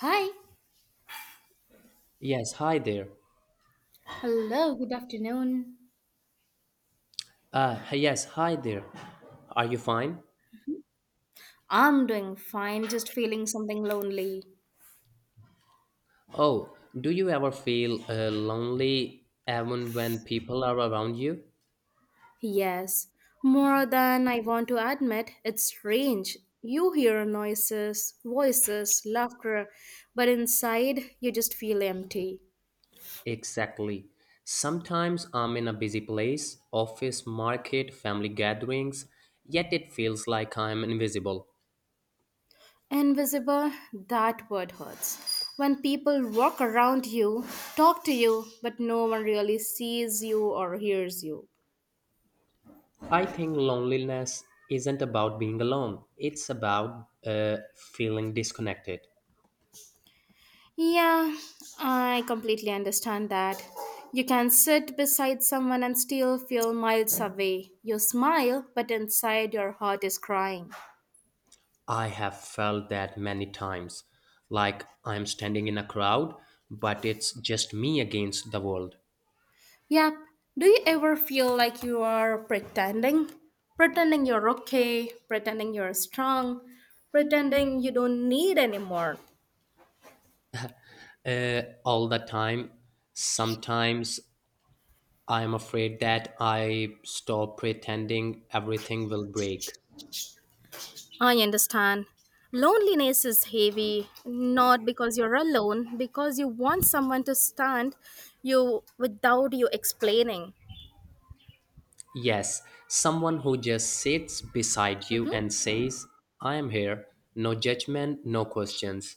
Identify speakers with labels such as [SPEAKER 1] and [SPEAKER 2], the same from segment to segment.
[SPEAKER 1] Hi.
[SPEAKER 2] Yes, hi there.
[SPEAKER 1] Hello, good afternoon.
[SPEAKER 2] Yes, hi there. Are you fine?
[SPEAKER 1] I'm doing fine, just feeling something lonely.
[SPEAKER 2] Oh, do you ever feel lonely even when people are around you?
[SPEAKER 1] Yes, more than I want to admit, it's strange. You hear noises, voices, laughter, but inside you just feel empty.
[SPEAKER 2] Exactly. Sometimes I'm in a busy place, office, market, family gatherings, yet it feels like I'm invisible.
[SPEAKER 1] Invisible, that word hurts. When people walk around you, talk to you, but no one really sees you or hears you.
[SPEAKER 2] I think loneliness isn't about being alone, it's about feeling disconnected.
[SPEAKER 1] Yeah, I completely understand that. You can sit beside someone and still feel miles away. You smile, but inside your heart is crying.
[SPEAKER 2] I have felt that many times, like I'm standing in a crowd, but it's just me against the world.
[SPEAKER 1] Yep. Do you ever feel like you are pretending? Pretending you're okay, pretending you're strong, pretending you don't need anymore.
[SPEAKER 2] All the time, sometimes I'm afraid that I stop pretending everything will break.
[SPEAKER 1] I understand. Loneliness is heavy, not because you're alone, because you want someone to stand you without you explaining.
[SPEAKER 2] Yes, someone who just sits beside you
[SPEAKER 1] Mhm.
[SPEAKER 2] and says, I am here, no judgment, no questions.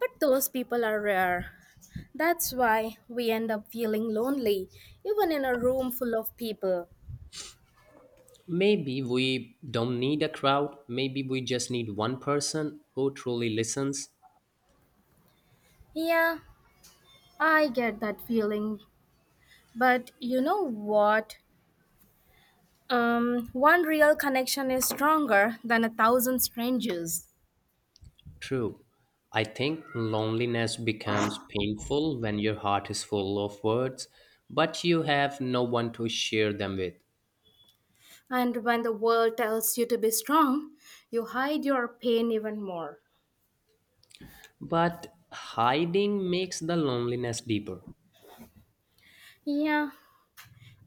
[SPEAKER 1] But those people are rare. That's why we end up feeling lonely, even in a room full of people.
[SPEAKER 2] Maybe we don't need a crowd, maybe we just need one person who truly listens.
[SPEAKER 1] Yeah, I get that feeling. But you know what? One real connection is stronger than a thousand strangers.
[SPEAKER 2] True. I think loneliness becomes painful when your heart is full of words, but you have no one to share them with.
[SPEAKER 1] And when the world tells you to be strong, you hide your pain even more.
[SPEAKER 2] But hiding makes the loneliness deeper.
[SPEAKER 1] Yeah,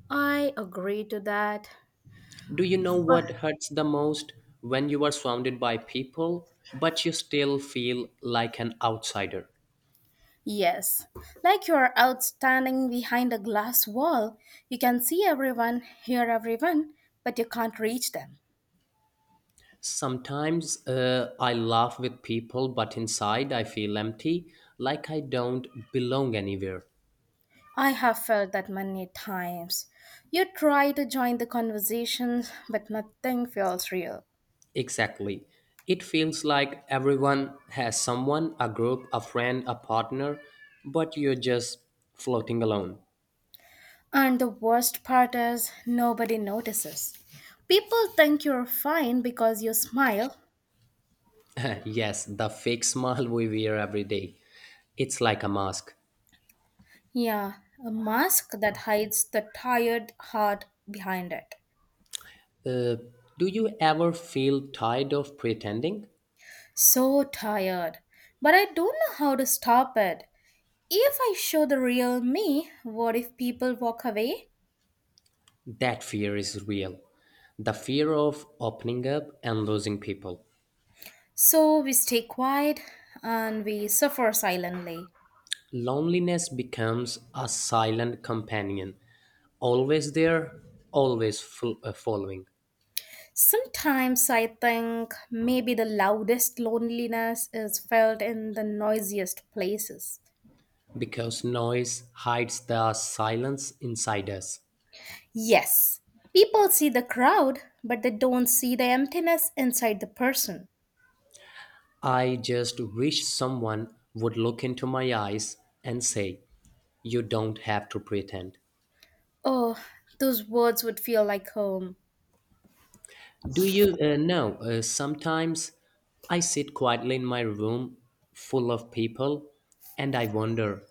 [SPEAKER 1] I agree to that.
[SPEAKER 2] Do you know
[SPEAKER 1] But
[SPEAKER 2] what hurts the most? When you are surrounded by people, but you still feel like an outsider.
[SPEAKER 1] yes, like you're out standing behind a glass wall, you can see everyone, hear everyone, but you can't reach them.
[SPEAKER 2] Sometimes I laugh with people, but inside I feel empty, like I don't belong anywhere.
[SPEAKER 1] I have felt that many times. You try to join the conversation, but nothing feels real.
[SPEAKER 2] Exactly. It feels like everyone has someone, a group, a friend, a partner, but you're just floating alone.
[SPEAKER 1] And the worst part is, nobody notices. People think you're fine because you smile.
[SPEAKER 2] Yes, the fake smile we wear every day. It's like a mask.
[SPEAKER 1] Yeah, a mask that hides the tired heart behind it.
[SPEAKER 2] Uh, do you ever feel tired of pretending?
[SPEAKER 1] So tired. But I don't know how to stop it. If I show the real me, what if people walk away?
[SPEAKER 2] That fear is real. The fear of opening up and losing people.
[SPEAKER 1] So we stay quiet and we suffer silently.
[SPEAKER 2] Loneliness becomes a silent companion, always there, always following.
[SPEAKER 1] Sometimes I think maybe the loudest loneliness is felt in the noisiest places.
[SPEAKER 2] Because noise hides the silence inside us.
[SPEAKER 1] Yes, people see the crowd, but they don't see the emptiness inside the person.
[SPEAKER 2] I just wish someone would look into my eyes and say, You don't have to pretend.
[SPEAKER 1] Oh, those words would feel like home.
[SPEAKER 2] Do you know? Sometimes I sit quietly in my room full of people and I wonder,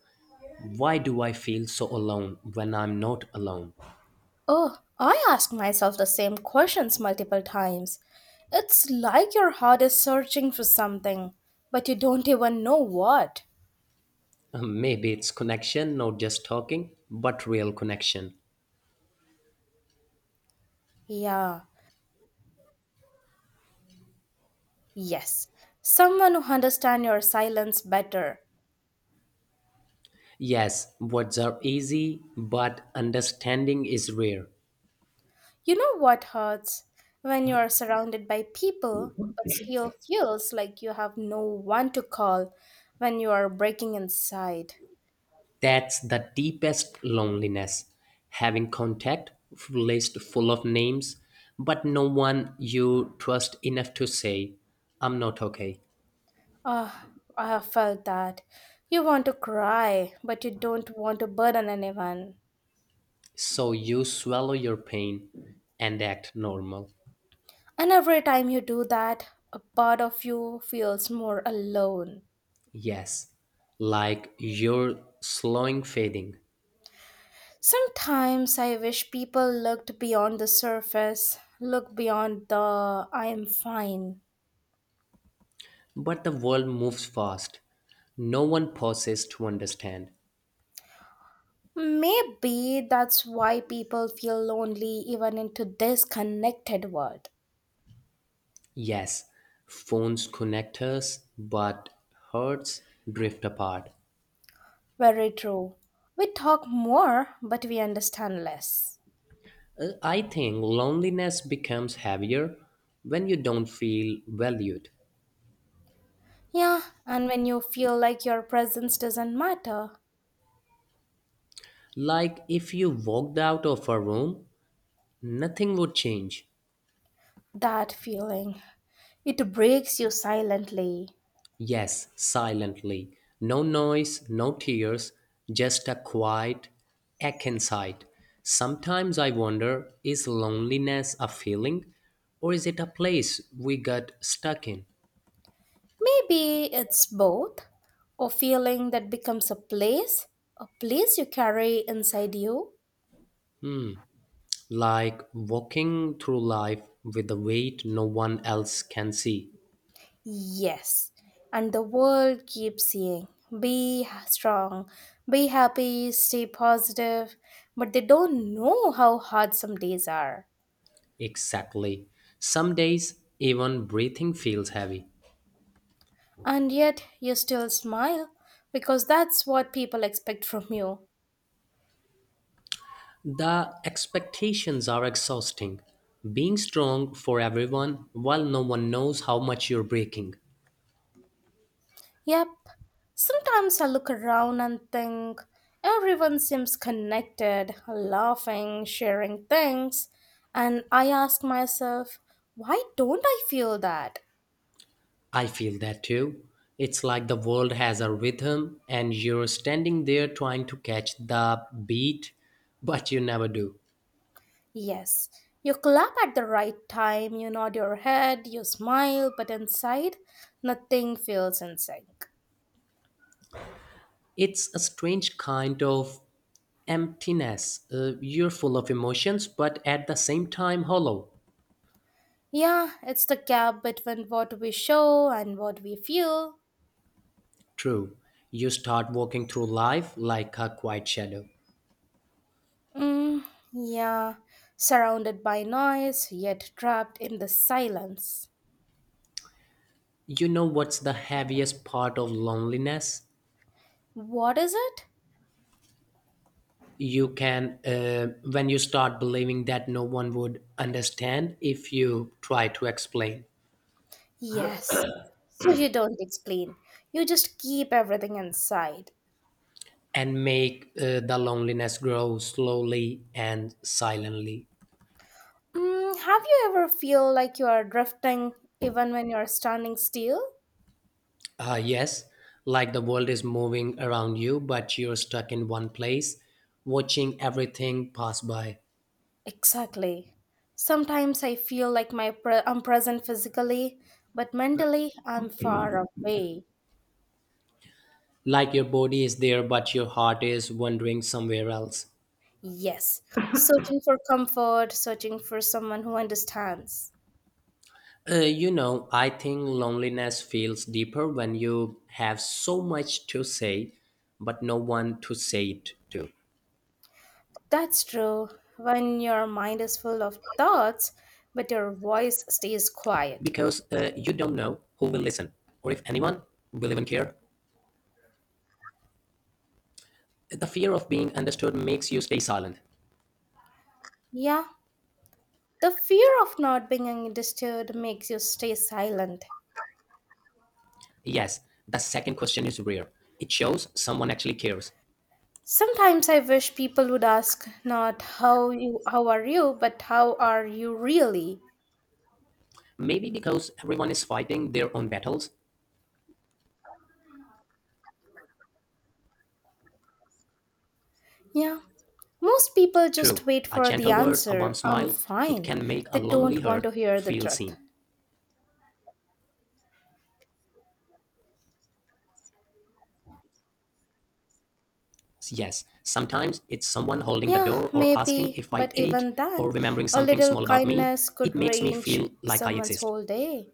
[SPEAKER 2] why do I feel so alone when I'm not alone?
[SPEAKER 1] Oh, I ask myself the same questions multiple times. It's like your heart is searching for something, but you don't even know what.
[SPEAKER 2] Maybe it's connection, not just talking, but real connection.
[SPEAKER 1] Yeah, yes. Someone who understands your silence better.
[SPEAKER 2] Yes, words are easy, but understanding is rare.
[SPEAKER 1] You know what hurts? When you are surrounded by people, but still feels like you have no one to call when you are breaking inside.
[SPEAKER 2] That's the deepest loneliness. Having contact, list full of names, but no one you trust enough to say, I'm not okay.
[SPEAKER 1] Ah, I have felt that. You want to cry, but you don't want to burden anyone.
[SPEAKER 2] So you swallow your pain and act normal.
[SPEAKER 1] And every time you do that, a part of you feels more alone.
[SPEAKER 2] Yes, like you're slowing fading.
[SPEAKER 1] Sometimes I wish people looked beyond the surface, look beyond the I am fine.
[SPEAKER 2] But the world moves fast. No one pauses to understand.
[SPEAKER 1] Maybe that's why people feel lonely even in today's connected world.
[SPEAKER 2] Yes, phones connect us, but hearts drift apart.
[SPEAKER 1] Very true. We talk more, but we understand less.
[SPEAKER 2] I think loneliness becomes heavier when you don't feel valued.
[SPEAKER 1] Yeah, and when you feel like your presence doesn't matter,
[SPEAKER 2] Like if you walked out of a room, nothing would change.
[SPEAKER 1] that feeling, it breaks you silently.
[SPEAKER 2] Yes, silently. No noise, no tears, just a quiet ache inside. Sometimes I wonder, is loneliness a feeling or is it a place we got stuck in?
[SPEAKER 1] Maybe it's both a feeling that becomes a place you carry inside you.
[SPEAKER 2] Hmm. Like walking through life with a weight no one else can see.
[SPEAKER 1] Yes, and the world keeps saying, be strong, be happy, stay positive, but they don't know how hard some days are.
[SPEAKER 2] Exactly. Some days, even breathing feels heavy.
[SPEAKER 1] And yet you still smile because that's what people expect from you.
[SPEAKER 2] The expectations are exhausting. Being strong for everyone while no one knows how much you're breaking.
[SPEAKER 1] Yep, sometimes I look around and think everyone seems connected, laughing, sharing things, and I ask myself, why don't I feel that?
[SPEAKER 2] I feel that too. It's like the world has a rhythm and you're standing there trying to catch the beat, but you never do.
[SPEAKER 1] Yes, you clap at the right time, you nod your head, you smile, but inside, nothing feels in sync.
[SPEAKER 2] It's a strange kind of emptiness. You're full of emotions, but at the same time hollow.
[SPEAKER 1] Yeah, it's the gap between what we show and what we feel.
[SPEAKER 2] True. You start walking through life like a quiet shadow.
[SPEAKER 1] Mm, yeah, surrounded by noise, yet trapped in the silence.
[SPEAKER 2] You know what's the heaviest part of loneliness?
[SPEAKER 1] What is it?
[SPEAKER 2] When you start believing that no one would understand if you try to explain
[SPEAKER 1] Yes. So you don't explain. You just keep everything inside.
[SPEAKER 2] and make the loneliness grow slowly and silently.
[SPEAKER 1] Mm, have you ever feel like you are drifting even when you are standing still?
[SPEAKER 2] Yes, like the world is moving around you, but you're stuck in one place, watching everything pass by.
[SPEAKER 1] Exactly. Sometimes I feel like my I'm present physically, but mentally I'm far away.
[SPEAKER 2] Like your body is there, but your heart is wandering somewhere else.
[SPEAKER 1] Yes, searching for comfort, searching for someone who understands.
[SPEAKER 2] I think loneliness feels deeper when you have so much to say, but no one to say it to.
[SPEAKER 1] That's true. When your mind is full of thoughts, but your voice stays quiet.
[SPEAKER 2] Because you don't know who will listen or if anyone will even care. The fear of being understood makes you stay silent.
[SPEAKER 1] Yeah, the fear of not being disturbed makes you stay silent.
[SPEAKER 2] Yes, the second question is rare. It shows someone actually cares.
[SPEAKER 1] Sometimes I wish people would ask not how are you, but how are you really?
[SPEAKER 2] Maybe because everyone is fighting their own battles.
[SPEAKER 1] Yeah. Most people just
[SPEAKER 2] True,
[SPEAKER 1] wait
[SPEAKER 2] a
[SPEAKER 1] for the
[SPEAKER 2] gentle word, a warm
[SPEAKER 1] answer, I'm
[SPEAKER 2] smile, it
[SPEAKER 1] fine.
[SPEAKER 2] can make
[SPEAKER 1] They
[SPEAKER 2] a lonely
[SPEAKER 1] don't want to
[SPEAKER 2] heart
[SPEAKER 1] hear the
[SPEAKER 2] feel
[SPEAKER 1] truth.
[SPEAKER 2] seen. Yes, sometimes it's someone holding the
[SPEAKER 1] Yeah,
[SPEAKER 2] door or asking
[SPEAKER 1] maybe,
[SPEAKER 2] if I
[SPEAKER 1] but
[SPEAKER 2] ate
[SPEAKER 1] even
[SPEAKER 2] or
[SPEAKER 1] then,
[SPEAKER 2] remembering
[SPEAKER 1] a
[SPEAKER 2] something
[SPEAKER 1] little
[SPEAKER 2] small about me.
[SPEAKER 1] kindness could
[SPEAKER 2] It makes me
[SPEAKER 1] change
[SPEAKER 2] feel like I
[SPEAKER 1] someone's
[SPEAKER 2] exist.
[SPEAKER 1] whole day.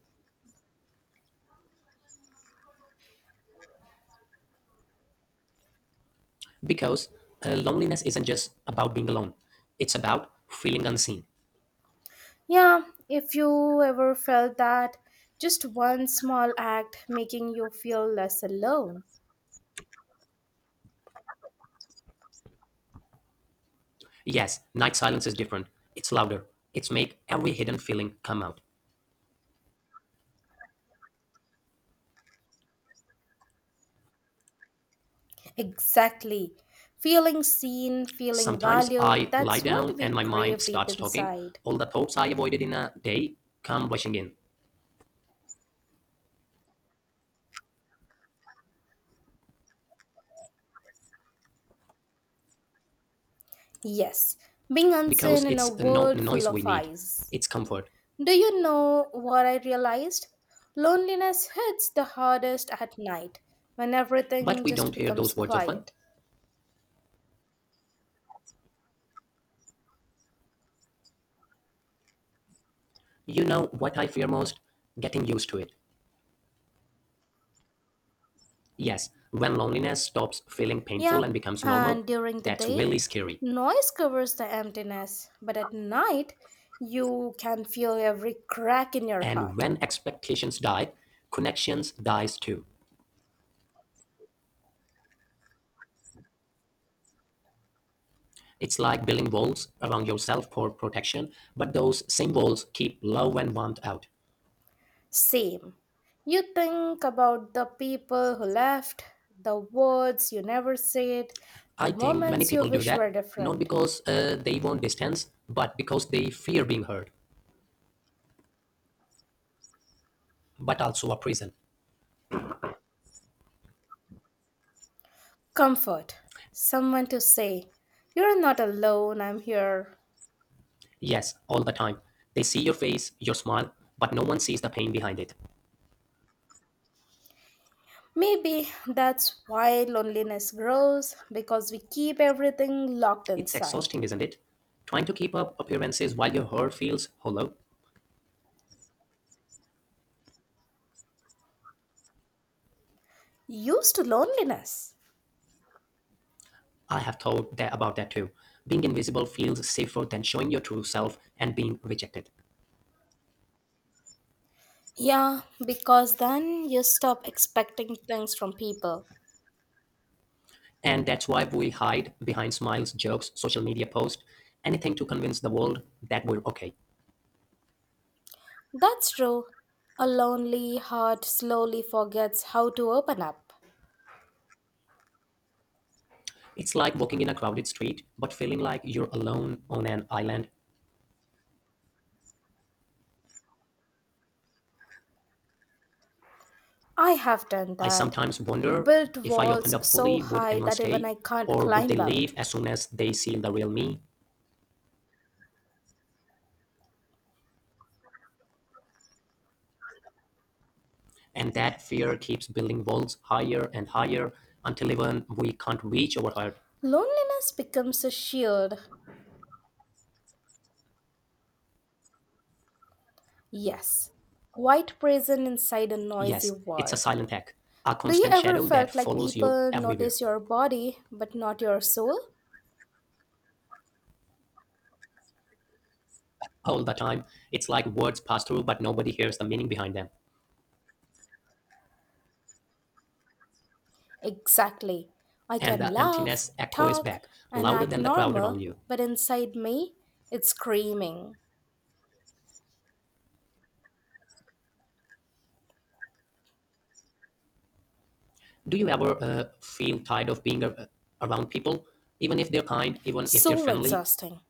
[SPEAKER 2] Because loneliness isn't just about being alone, it's about feeling unseen.
[SPEAKER 1] Yeah, if you ever felt that, just one small act making you feel less alone.
[SPEAKER 2] Yes, night silence is different. It's louder. It's make every hidden feeling come out.
[SPEAKER 1] Exactly. Feeling seen, feeling
[SPEAKER 2] Sometimes
[SPEAKER 1] valued,
[SPEAKER 2] I lie
[SPEAKER 1] that's what
[SPEAKER 2] down and
[SPEAKER 1] we
[SPEAKER 2] my mind
[SPEAKER 1] crave deep
[SPEAKER 2] starts talking.
[SPEAKER 1] inside.
[SPEAKER 2] All the thoughts I avoided in a day come rushing in
[SPEAKER 1] Yes, being unseen
[SPEAKER 2] because
[SPEAKER 1] in a
[SPEAKER 2] it's not
[SPEAKER 1] world full
[SPEAKER 2] noise we
[SPEAKER 1] of
[SPEAKER 2] need,
[SPEAKER 1] eyes.
[SPEAKER 2] it's comfort.
[SPEAKER 1] Do you know what I realized? Loneliness hits the hardest at night when
[SPEAKER 2] But
[SPEAKER 1] everything
[SPEAKER 2] we
[SPEAKER 1] just
[SPEAKER 2] don't hear
[SPEAKER 1] becomes
[SPEAKER 2] those words often.
[SPEAKER 1] quiet.
[SPEAKER 2] You know what I fear most? Getting used to it. Yes, when loneliness stops feeling
[SPEAKER 1] Yeah,
[SPEAKER 2] painful and becomes
[SPEAKER 1] and
[SPEAKER 2] normal,
[SPEAKER 1] during the
[SPEAKER 2] that's
[SPEAKER 1] day,
[SPEAKER 2] really scary.
[SPEAKER 1] noise covers the emptiness, but at night, you can feel every crack in your
[SPEAKER 2] And
[SPEAKER 1] heart.
[SPEAKER 2] when expectations die, connections dies too. It's like building walls around yourself for protection, but those same walls keep love and warmth out.
[SPEAKER 1] Same. You think about the people who left, the words you never said, the
[SPEAKER 2] I think many
[SPEAKER 1] moments you
[SPEAKER 2] people do
[SPEAKER 1] wish were
[SPEAKER 2] that, not
[SPEAKER 1] different.
[SPEAKER 2] because they want distance, but because they fear being heard, but also a prison.
[SPEAKER 1] Comfort. Someone to say, You're not alone, I'm here.
[SPEAKER 2] Yes, all the time. They see your face, your smile, but no one sees the pain behind it.
[SPEAKER 1] Maybe that's why loneliness grows because we keep everything locked
[SPEAKER 2] It's
[SPEAKER 1] inside.
[SPEAKER 2] exhausting, isn't it? Trying to keep up appearances while your heart feels hollow.
[SPEAKER 1] Used to loneliness.
[SPEAKER 2] I have thought that about that too. Being invisible feels safer than showing your true self and being rejected.
[SPEAKER 1] Yeah, because then you stop expecting things from people.
[SPEAKER 2] And that's why we hide behind smiles, jokes, social media posts, anything to convince the world that we're okay.
[SPEAKER 1] That's true. A lonely heart slowly forgets how to open up.
[SPEAKER 2] It's like walking in a crowded street, but feeling like you're alone on an island.
[SPEAKER 1] I have done
[SPEAKER 2] I
[SPEAKER 1] that.
[SPEAKER 2] sometimes wonder,
[SPEAKER 1] Built
[SPEAKER 2] if I
[SPEAKER 1] walls
[SPEAKER 2] opened up
[SPEAKER 1] so
[SPEAKER 2] fully, would
[SPEAKER 1] high
[SPEAKER 2] anyone
[SPEAKER 1] that even
[SPEAKER 2] stay?
[SPEAKER 1] I can't
[SPEAKER 2] Or would they
[SPEAKER 1] climb
[SPEAKER 2] leave
[SPEAKER 1] out.
[SPEAKER 2] as soon as they see the real me? And that fear keeps building walls higher and higher until even we can't reach our heart.
[SPEAKER 1] Loneliness becomes a shield, yes, quite prison inside a noisy
[SPEAKER 2] Yes, it's a
[SPEAKER 1] world.
[SPEAKER 2] silent attack, a
[SPEAKER 1] Do you
[SPEAKER 2] constant
[SPEAKER 1] ever
[SPEAKER 2] shadow that
[SPEAKER 1] felt like
[SPEAKER 2] follows you
[SPEAKER 1] people
[SPEAKER 2] everywhere,
[SPEAKER 1] notice your body but not your soul?
[SPEAKER 2] all the time. It's like words pass through, but nobody hears the meaning behind them.
[SPEAKER 1] Exactly. I
[SPEAKER 2] And
[SPEAKER 1] can
[SPEAKER 2] the
[SPEAKER 1] laugh,
[SPEAKER 2] emptiness echoes
[SPEAKER 1] talk,
[SPEAKER 2] back,
[SPEAKER 1] and
[SPEAKER 2] louder
[SPEAKER 1] act
[SPEAKER 2] than the crowd around
[SPEAKER 1] normal,
[SPEAKER 2] you.
[SPEAKER 1] but inside me, it's screaming.
[SPEAKER 2] Do you ever feel tired of being around people? Even if they're kind, even if they're
[SPEAKER 1] So
[SPEAKER 2] friendly?
[SPEAKER 1] exhausting.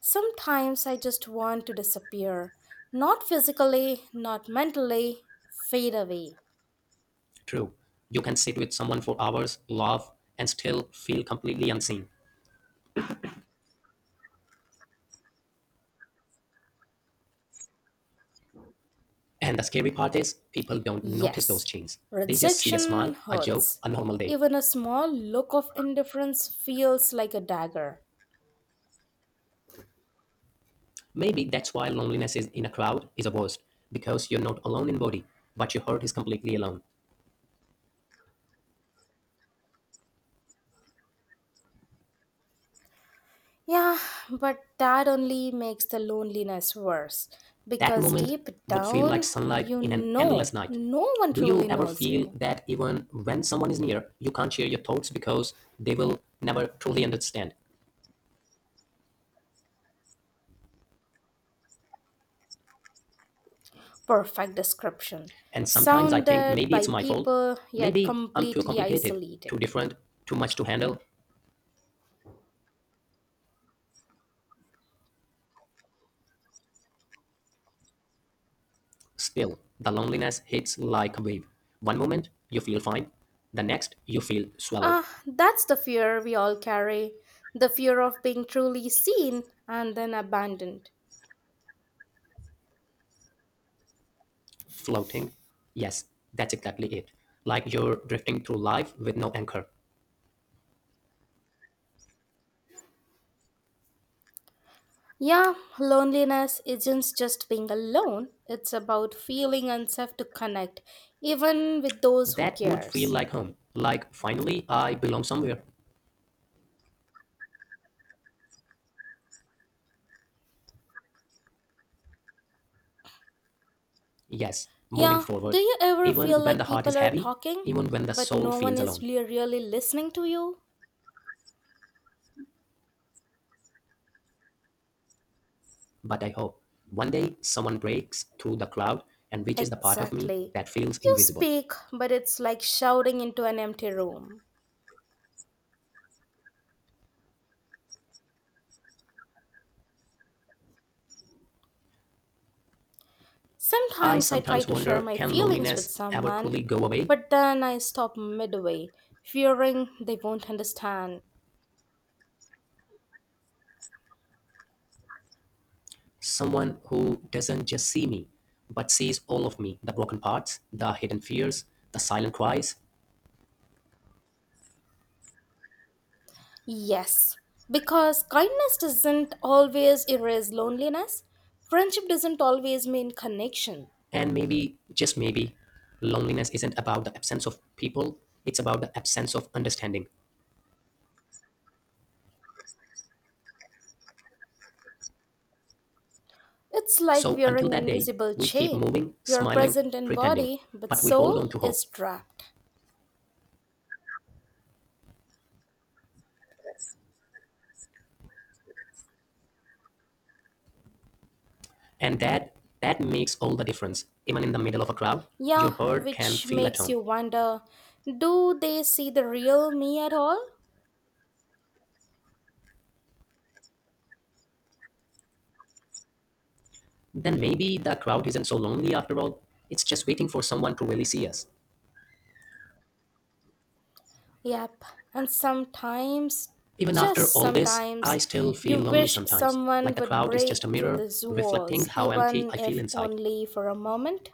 [SPEAKER 1] Sometimes I just want to disappear. Not physically, not mentally, fade away.
[SPEAKER 2] True. You can sit with someone for hours, laugh, and still feel completely unseen. And the scary part is, people don't notice those
[SPEAKER 1] Yes,
[SPEAKER 2] changes. They just see a
[SPEAKER 1] rejection
[SPEAKER 2] smile, a joke,
[SPEAKER 1] hurts.
[SPEAKER 2] a normal day.
[SPEAKER 1] Even a small look of indifference feels like a dagger.
[SPEAKER 2] Maybe that's why loneliness is in a crowd is the worst, because you're not alone in body, but your heart is completely alone.
[SPEAKER 1] Yeah, but that only makes the loneliness worse
[SPEAKER 2] That
[SPEAKER 1] because
[SPEAKER 2] moment
[SPEAKER 1] deep
[SPEAKER 2] would feel like
[SPEAKER 1] down
[SPEAKER 2] sunlight
[SPEAKER 1] you
[SPEAKER 2] in an endless
[SPEAKER 1] know
[SPEAKER 2] night.
[SPEAKER 1] no one
[SPEAKER 2] Do you
[SPEAKER 1] truly
[SPEAKER 2] ever
[SPEAKER 1] knows
[SPEAKER 2] feel
[SPEAKER 1] you.
[SPEAKER 2] that even when someone is near, you can't share your thoughts because they will never truly understand?
[SPEAKER 1] Perfect description.
[SPEAKER 2] And sometimes I think
[SPEAKER 1] Sounded
[SPEAKER 2] maybe
[SPEAKER 1] by
[SPEAKER 2] it's my fault.
[SPEAKER 1] people yet
[SPEAKER 2] Maybe I'm too
[SPEAKER 1] completely
[SPEAKER 2] complicated, too
[SPEAKER 1] isolated.
[SPEAKER 2] different, too much to handle. Still, the loneliness hits like a wave. One moment, you feel fine. The next, you feel swallowed,
[SPEAKER 1] Ah, that's the fear we all carry, the fear of being truly seen and then abandoned.
[SPEAKER 2] floating. Yes, that's exactly it. Like you're drifting through life with no anchor.
[SPEAKER 1] Yeah, loneliness isn't just being alone, it's about feeling unsafe to connect, even with those who
[SPEAKER 2] That would feel
[SPEAKER 1] cares.
[SPEAKER 2] like home, like finally I belong somewhere. Yes, moving
[SPEAKER 1] Yeah, do
[SPEAKER 2] forward,
[SPEAKER 1] you ever feel
[SPEAKER 2] even when the
[SPEAKER 1] like
[SPEAKER 2] heart is
[SPEAKER 1] people are
[SPEAKER 2] heavy,
[SPEAKER 1] talking,
[SPEAKER 2] even when the
[SPEAKER 1] but
[SPEAKER 2] soul
[SPEAKER 1] no one
[SPEAKER 2] feels
[SPEAKER 1] is
[SPEAKER 2] alone.
[SPEAKER 1] really listening to you?
[SPEAKER 2] But I hope one day someone breaks through the cloud and reaches the part of me
[SPEAKER 1] Exactly.
[SPEAKER 2] that feels
[SPEAKER 1] You
[SPEAKER 2] invisible.
[SPEAKER 1] speak, but it's like shouting into an empty room.
[SPEAKER 2] I
[SPEAKER 1] Sometimes I try
[SPEAKER 2] sometimes
[SPEAKER 1] to share
[SPEAKER 2] wonder,
[SPEAKER 1] my
[SPEAKER 2] can
[SPEAKER 1] feelings with
[SPEAKER 2] loneliness ever
[SPEAKER 1] someone,
[SPEAKER 2] truly go away?
[SPEAKER 1] but then I stop midway, fearing they won't understand.
[SPEAKER 2] Someone who doesn't just see me, but sees all of me, the broken parts, the hidden fears, the silent cries.
[SPEAKER 1] Yes, because kindness doesn't always erase loneliness. Friendship doesn't always mean connection.
[SPEAKER 2] And maybe, just maybe, loneliness isn't about the absence of people, it's about the absence of understanding.
[SPEAKER 1] It's like
[SPEAKER 2] So until
[SPEAKER 1] wearing an
[SPEAKER 2] that day,
[SPEAKER 1] invisible
[SPEAKER 2] we keep
[SPEAKER 1] chain.
[SPEAKER 2] moving,
[SPEAKER 1] You're
[SPEAKER 2] smiling,
[SPEAKER 1] present in
[SPEAKER 2] pretending,
[SPEAKER 1] body, but
[SPEAKER 2] but we hold on
[SPEAKER 1] soul
[SPEAKER 2] to
[SPEAKER 1] is
[SPEAKER 2] hope.
[SPEAKER 1] trapped.
[SPEAKER 2] And that makes all the difference. Even in the middle of a crowd,
[SPEAKER 1] Yeah,
[SPEAKER 2] your herd can
[SPEAKER 1] which
[SPEAKER 2] feel at
[SPEAKER 1] makes
[SPEAKER 2] home.
[SPEAKER 1] you wonder, do they see the real me at all?
[SPEAKER 2] Then maybe the crowd isn't so lonely after all. It's just waiting for someone to really see us.
[SPEAKER 1] Yep, and sometimes,
[SPEAKER 2] Even after
[SPEAKER 1] just
[SPEAKER 2] all this,
[SPEAKER 1] sometimes,
[SPEAKER 2] I still
[SPEAKER 1] you
[SPEAKER 2] feel lonely
[SPEAKER 1] wish
[SPEAKER 2] sometimes, like
[SPEAKER 1] someone
[SPEAKER 2] the
[SPEAKER 1] would
[SPEAKER 2] crowd is just a
[SPEAKER 1] break through
[SPEAKER 2] mirror
[SPEAKER 1] these
[SPEAKER 2] reflecting
[SPEAKER 1] walls,
[SPEAKER 2] how empty
[SPEAKER 1] even
[SPEAKER 2] I feel
[SPEAKER 1] if
[SPEAKER 2] inside.
[SPEAKER 1] only for a moment.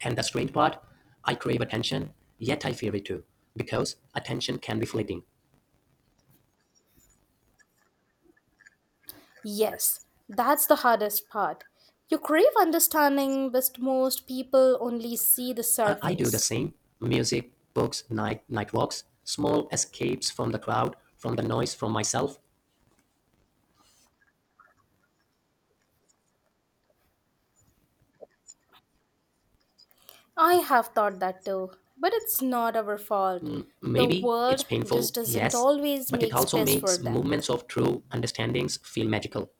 [SPEAKER 2] And the strange part? I crave attention, yet I fear it too, because attention can be fleeting.
[SPEAKER 1] Yes, that's the hardest part. You crave understanding, but most people only see the
[SPEAKER 2] I do the
[SPEAKER 1] surface.
[SPEAKER 2] same, music, books, night walks, small escapes from the crowd, from the noise, from myself.
[SPEAKER 1] I have thought that too, but it's not our fault. The
[SPEAKER 2] Maybe
[SPEAKER 1] world
[SPEAKER 2] it's painful,
[SPEAKER 1] just doesn't
[SPEAKER 2] yes,
[SPEAKER 1] always
[SPEAKER 2] but it
[SPEAKER 1] make
[SPEAKER 2] also
[SPEAKER 1] space for
[SPEAKER 2] makes movements
[SPEAKER 1] depth,
[SPEAKER 2] of true understandings feel magical.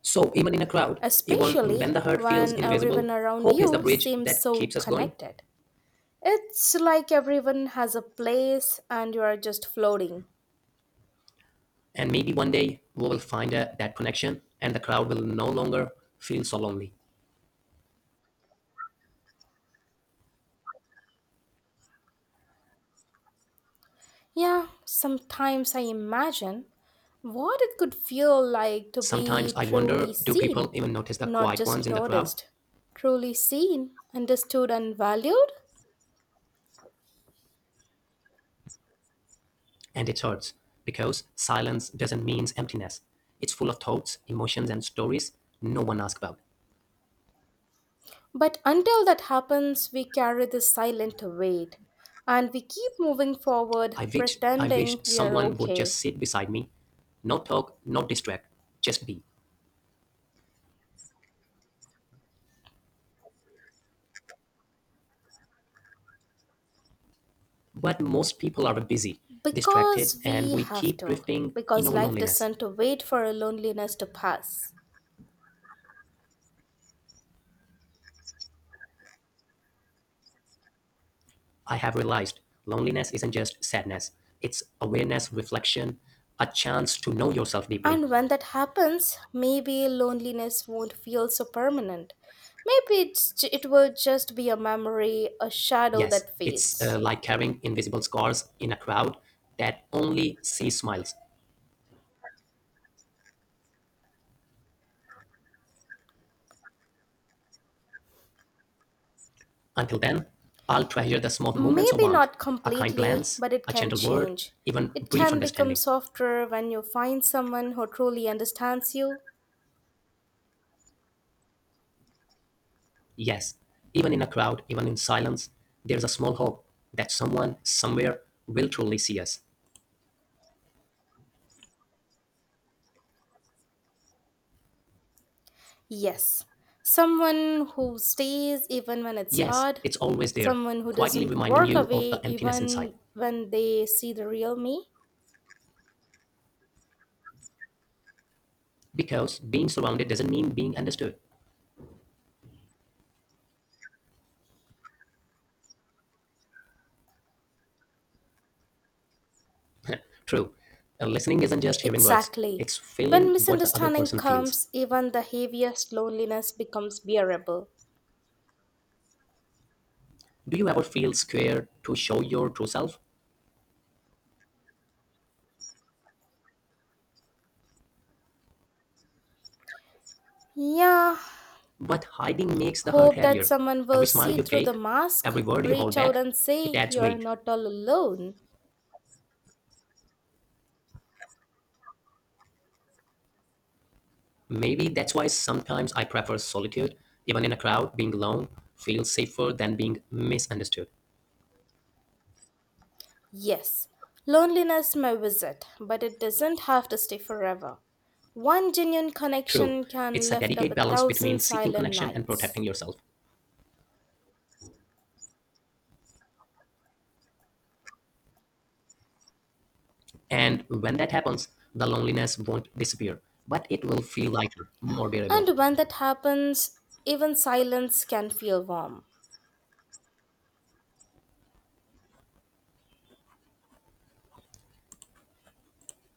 [SPEAKER 2] So, even in a crowd, even
[SPEAKER 1] especially
[SPEAKER 2] when the hurt feels
[SPEAKER 1] when everyone
[SPEAKER 2] invisible,
[SPEAKER 1] around
[SPEAKER 2] hope is the
[SPEAKER 1] you
[SPEAKER 2] bridge
[SPEAKER 1] seems
[SPEAKER 2] that
[SPEAKER 1] so
[SPEAKER 2] keeps us going.
[SPEAKER 1] connected. It's like everyone has a place and you are just floating.
[SPEAKER 2] And maybe one day we will find that connection and the crowd will no longer feel so lonely.
[SPEAKER 1] Yeah, sometimes I imagine what it could feel like to be
[SPEAKER 2] Sometimes I
[SPEAKER 1] truly
[SPEAKER 2] wonder, do people
[SPEAKER 1] seen,
[SPEAKER 2] even notice the
[SPEAKER 1] not
[SPEAKER 2] quiet
[SPEAKER 1] just
[SPEAKER 2] ones in the crowd?
[SPEAKER 1] noticed. Truly seen, understood, and valued?
[SPEAKER 2] And it hurts, because silence doesn't mean emptiness. It's full of thoughts, emotions, and stories no one asks about.
[SPEAKER 1] But until that happens, we carry this silent weight and we keep moving forward
[SPEAKER 2] I wish
[SPEAKER 1] pretending we are
[SPEAKER 2] someone would just
[SPEAKER 1] okay
[SPEAKER 2] sit beside me, not talk, not distract, just be. But most people are busy, distracted,
[SPEAKER 1] because
[SPEAKER 2] and
[SPEAKER 1] we
[SPEAKER 2] we
[SPEAKER 1] have
[SPEAKER 2] keep
[SPEAKER 1] to,
[SPEAKER 2] drifting in
[SPEAKER 1] because
[SPEAKER 2] our
[SPEAKER 1] life
[SPEAKER 2] loneliness.
[SPEAKER 1] doesn't wait for a loneliness to pass.
[SPEAKER 2] I have realized loneliness isn't just sadness, it's awareness, reflection, a chance to know yourself deeply.
[SPEAKER 1] And when that happens, maybe loneliness won't feel so permanent. Maybe it will just be a memory, a shadow
[SPEAKER 2] Yes,
[SPEAKER 1] that
[SPEAKER 2] it's
[SPEAKER 1] fades.
[SPEAKER 2] like carrying invisible scars in a crowd that only sees smiles. Until then, I'll treasure the small moments of
[SPEAKER 1] Maybe
[SPEAKER 2] warmth,
[SPEAKER 1] not
[SPEAKER 2] a kind
[SPEAKER 1] completely,
[SPEAKER 2] glance,
[SPEAKER 1] but it
[SPEAKER 2] a
[SPEAKER 1] can
[SPEAKER 2] gentle word,
[SPEAKER 1] change.
[SPEAKER 2] even
[SPEAKER 1] It
[SPEAKER 2] brief
[SPEAKER 1] can become
[SPEAKER 2] understanding.
[SPEAKER 1] softer when you find someone who truly understands you.
[SPEAKER 2] Yes, even in a crowd, even in silence, there's a small hope that someone somewhere will truly see us.
[SPEAKER 1] Yes, someone who stays even when it's
[SPEAKER 2] Yes,
[SPEAKER 1] hard,
[SPEAKER 2] it's always there,
[SPEAKER 1] someone who
[SPEAKER 2] quietly
[SPEAKER 1] doesn't
[SPEAKER 2] reminding
[SPEAKER 1] work
[SPEAKER 2] you of
[SPEAKER 1] away
[SPEAKER 2] the emptiness inside.
[SPEAKER 1] even when they see the real me.
[SPEAKER 2] Because being surrounded doesn't mean being understood. True, listening isn't just hearing words,
[SPEAKER 1] Exactly.
[SPEAKER 2] it's
[SPEAKER 1] When
[SPEAKER 2] feeling what the other
[SPEAKER 1] misunderstanding
[SPEAKER 2] person feels.
[SPEAKER 1] comes, even the heaviest loneliness becomes bearable.
[SPEAKER 2] Do you ever feel scared to show your true self?
[SPEAKER 1] Yeah,
[SPEAKER 2] But hiding makes the hurt
[SPEAKER 1] hope that
[SPEAKER 2] heavier.
[SPEAKER 1] someone
[SPEAKER 2] Every
[SPEAKER 1] will
[SPEAKER 2] smile
[SPEAKER 1] see
[SPEAKER 2] you
[SPEAKER 1] through the
[SPEAKER 2] fake,
[SPEAKER 1] mask,
[SPEAKER 2] every word you
[SPEAKER 1] reach
[SPEAKER 2] hold
[SPEAKER 1] out
[SPEAKER 2] back,
[SPEAKER 1] and say,
[SPEAKER 2] it adds
[SPEAKER 1] You are
[SPEAKER 2] weight.
[SPEAKER 1] not all alone.
[SPEAKER 2] Maybe that's why sometimes I prefer solitude. Even in a crowd, being alone feels safer than being misunderstood.
[SPEAKER 1] Yes, loneliness may visit, but it doesn't have to stay forever. One genuine
[SPEAKER 2] True,
[SPEAKER 1] connection can
[SPEAKER 2] it's a
[SPEAKER 1] lift up
[SPEAKER 2] delicate
[SPEAKER 1] a
[SPEAKER 2] balance between
[SPEAKER 1] thousand
[SPEAKER 2] seeking
[SPEAKER 1] silent
[SPEAKER 2] connection and protecting
[SPEAKER 1] nights.
[SPEAKER 2] yourself. And when that happens, the loneliness won't disappear, but it will feel lighter, more bearable.
[SPEAKER 1] And when that happens, even silence can feel warm.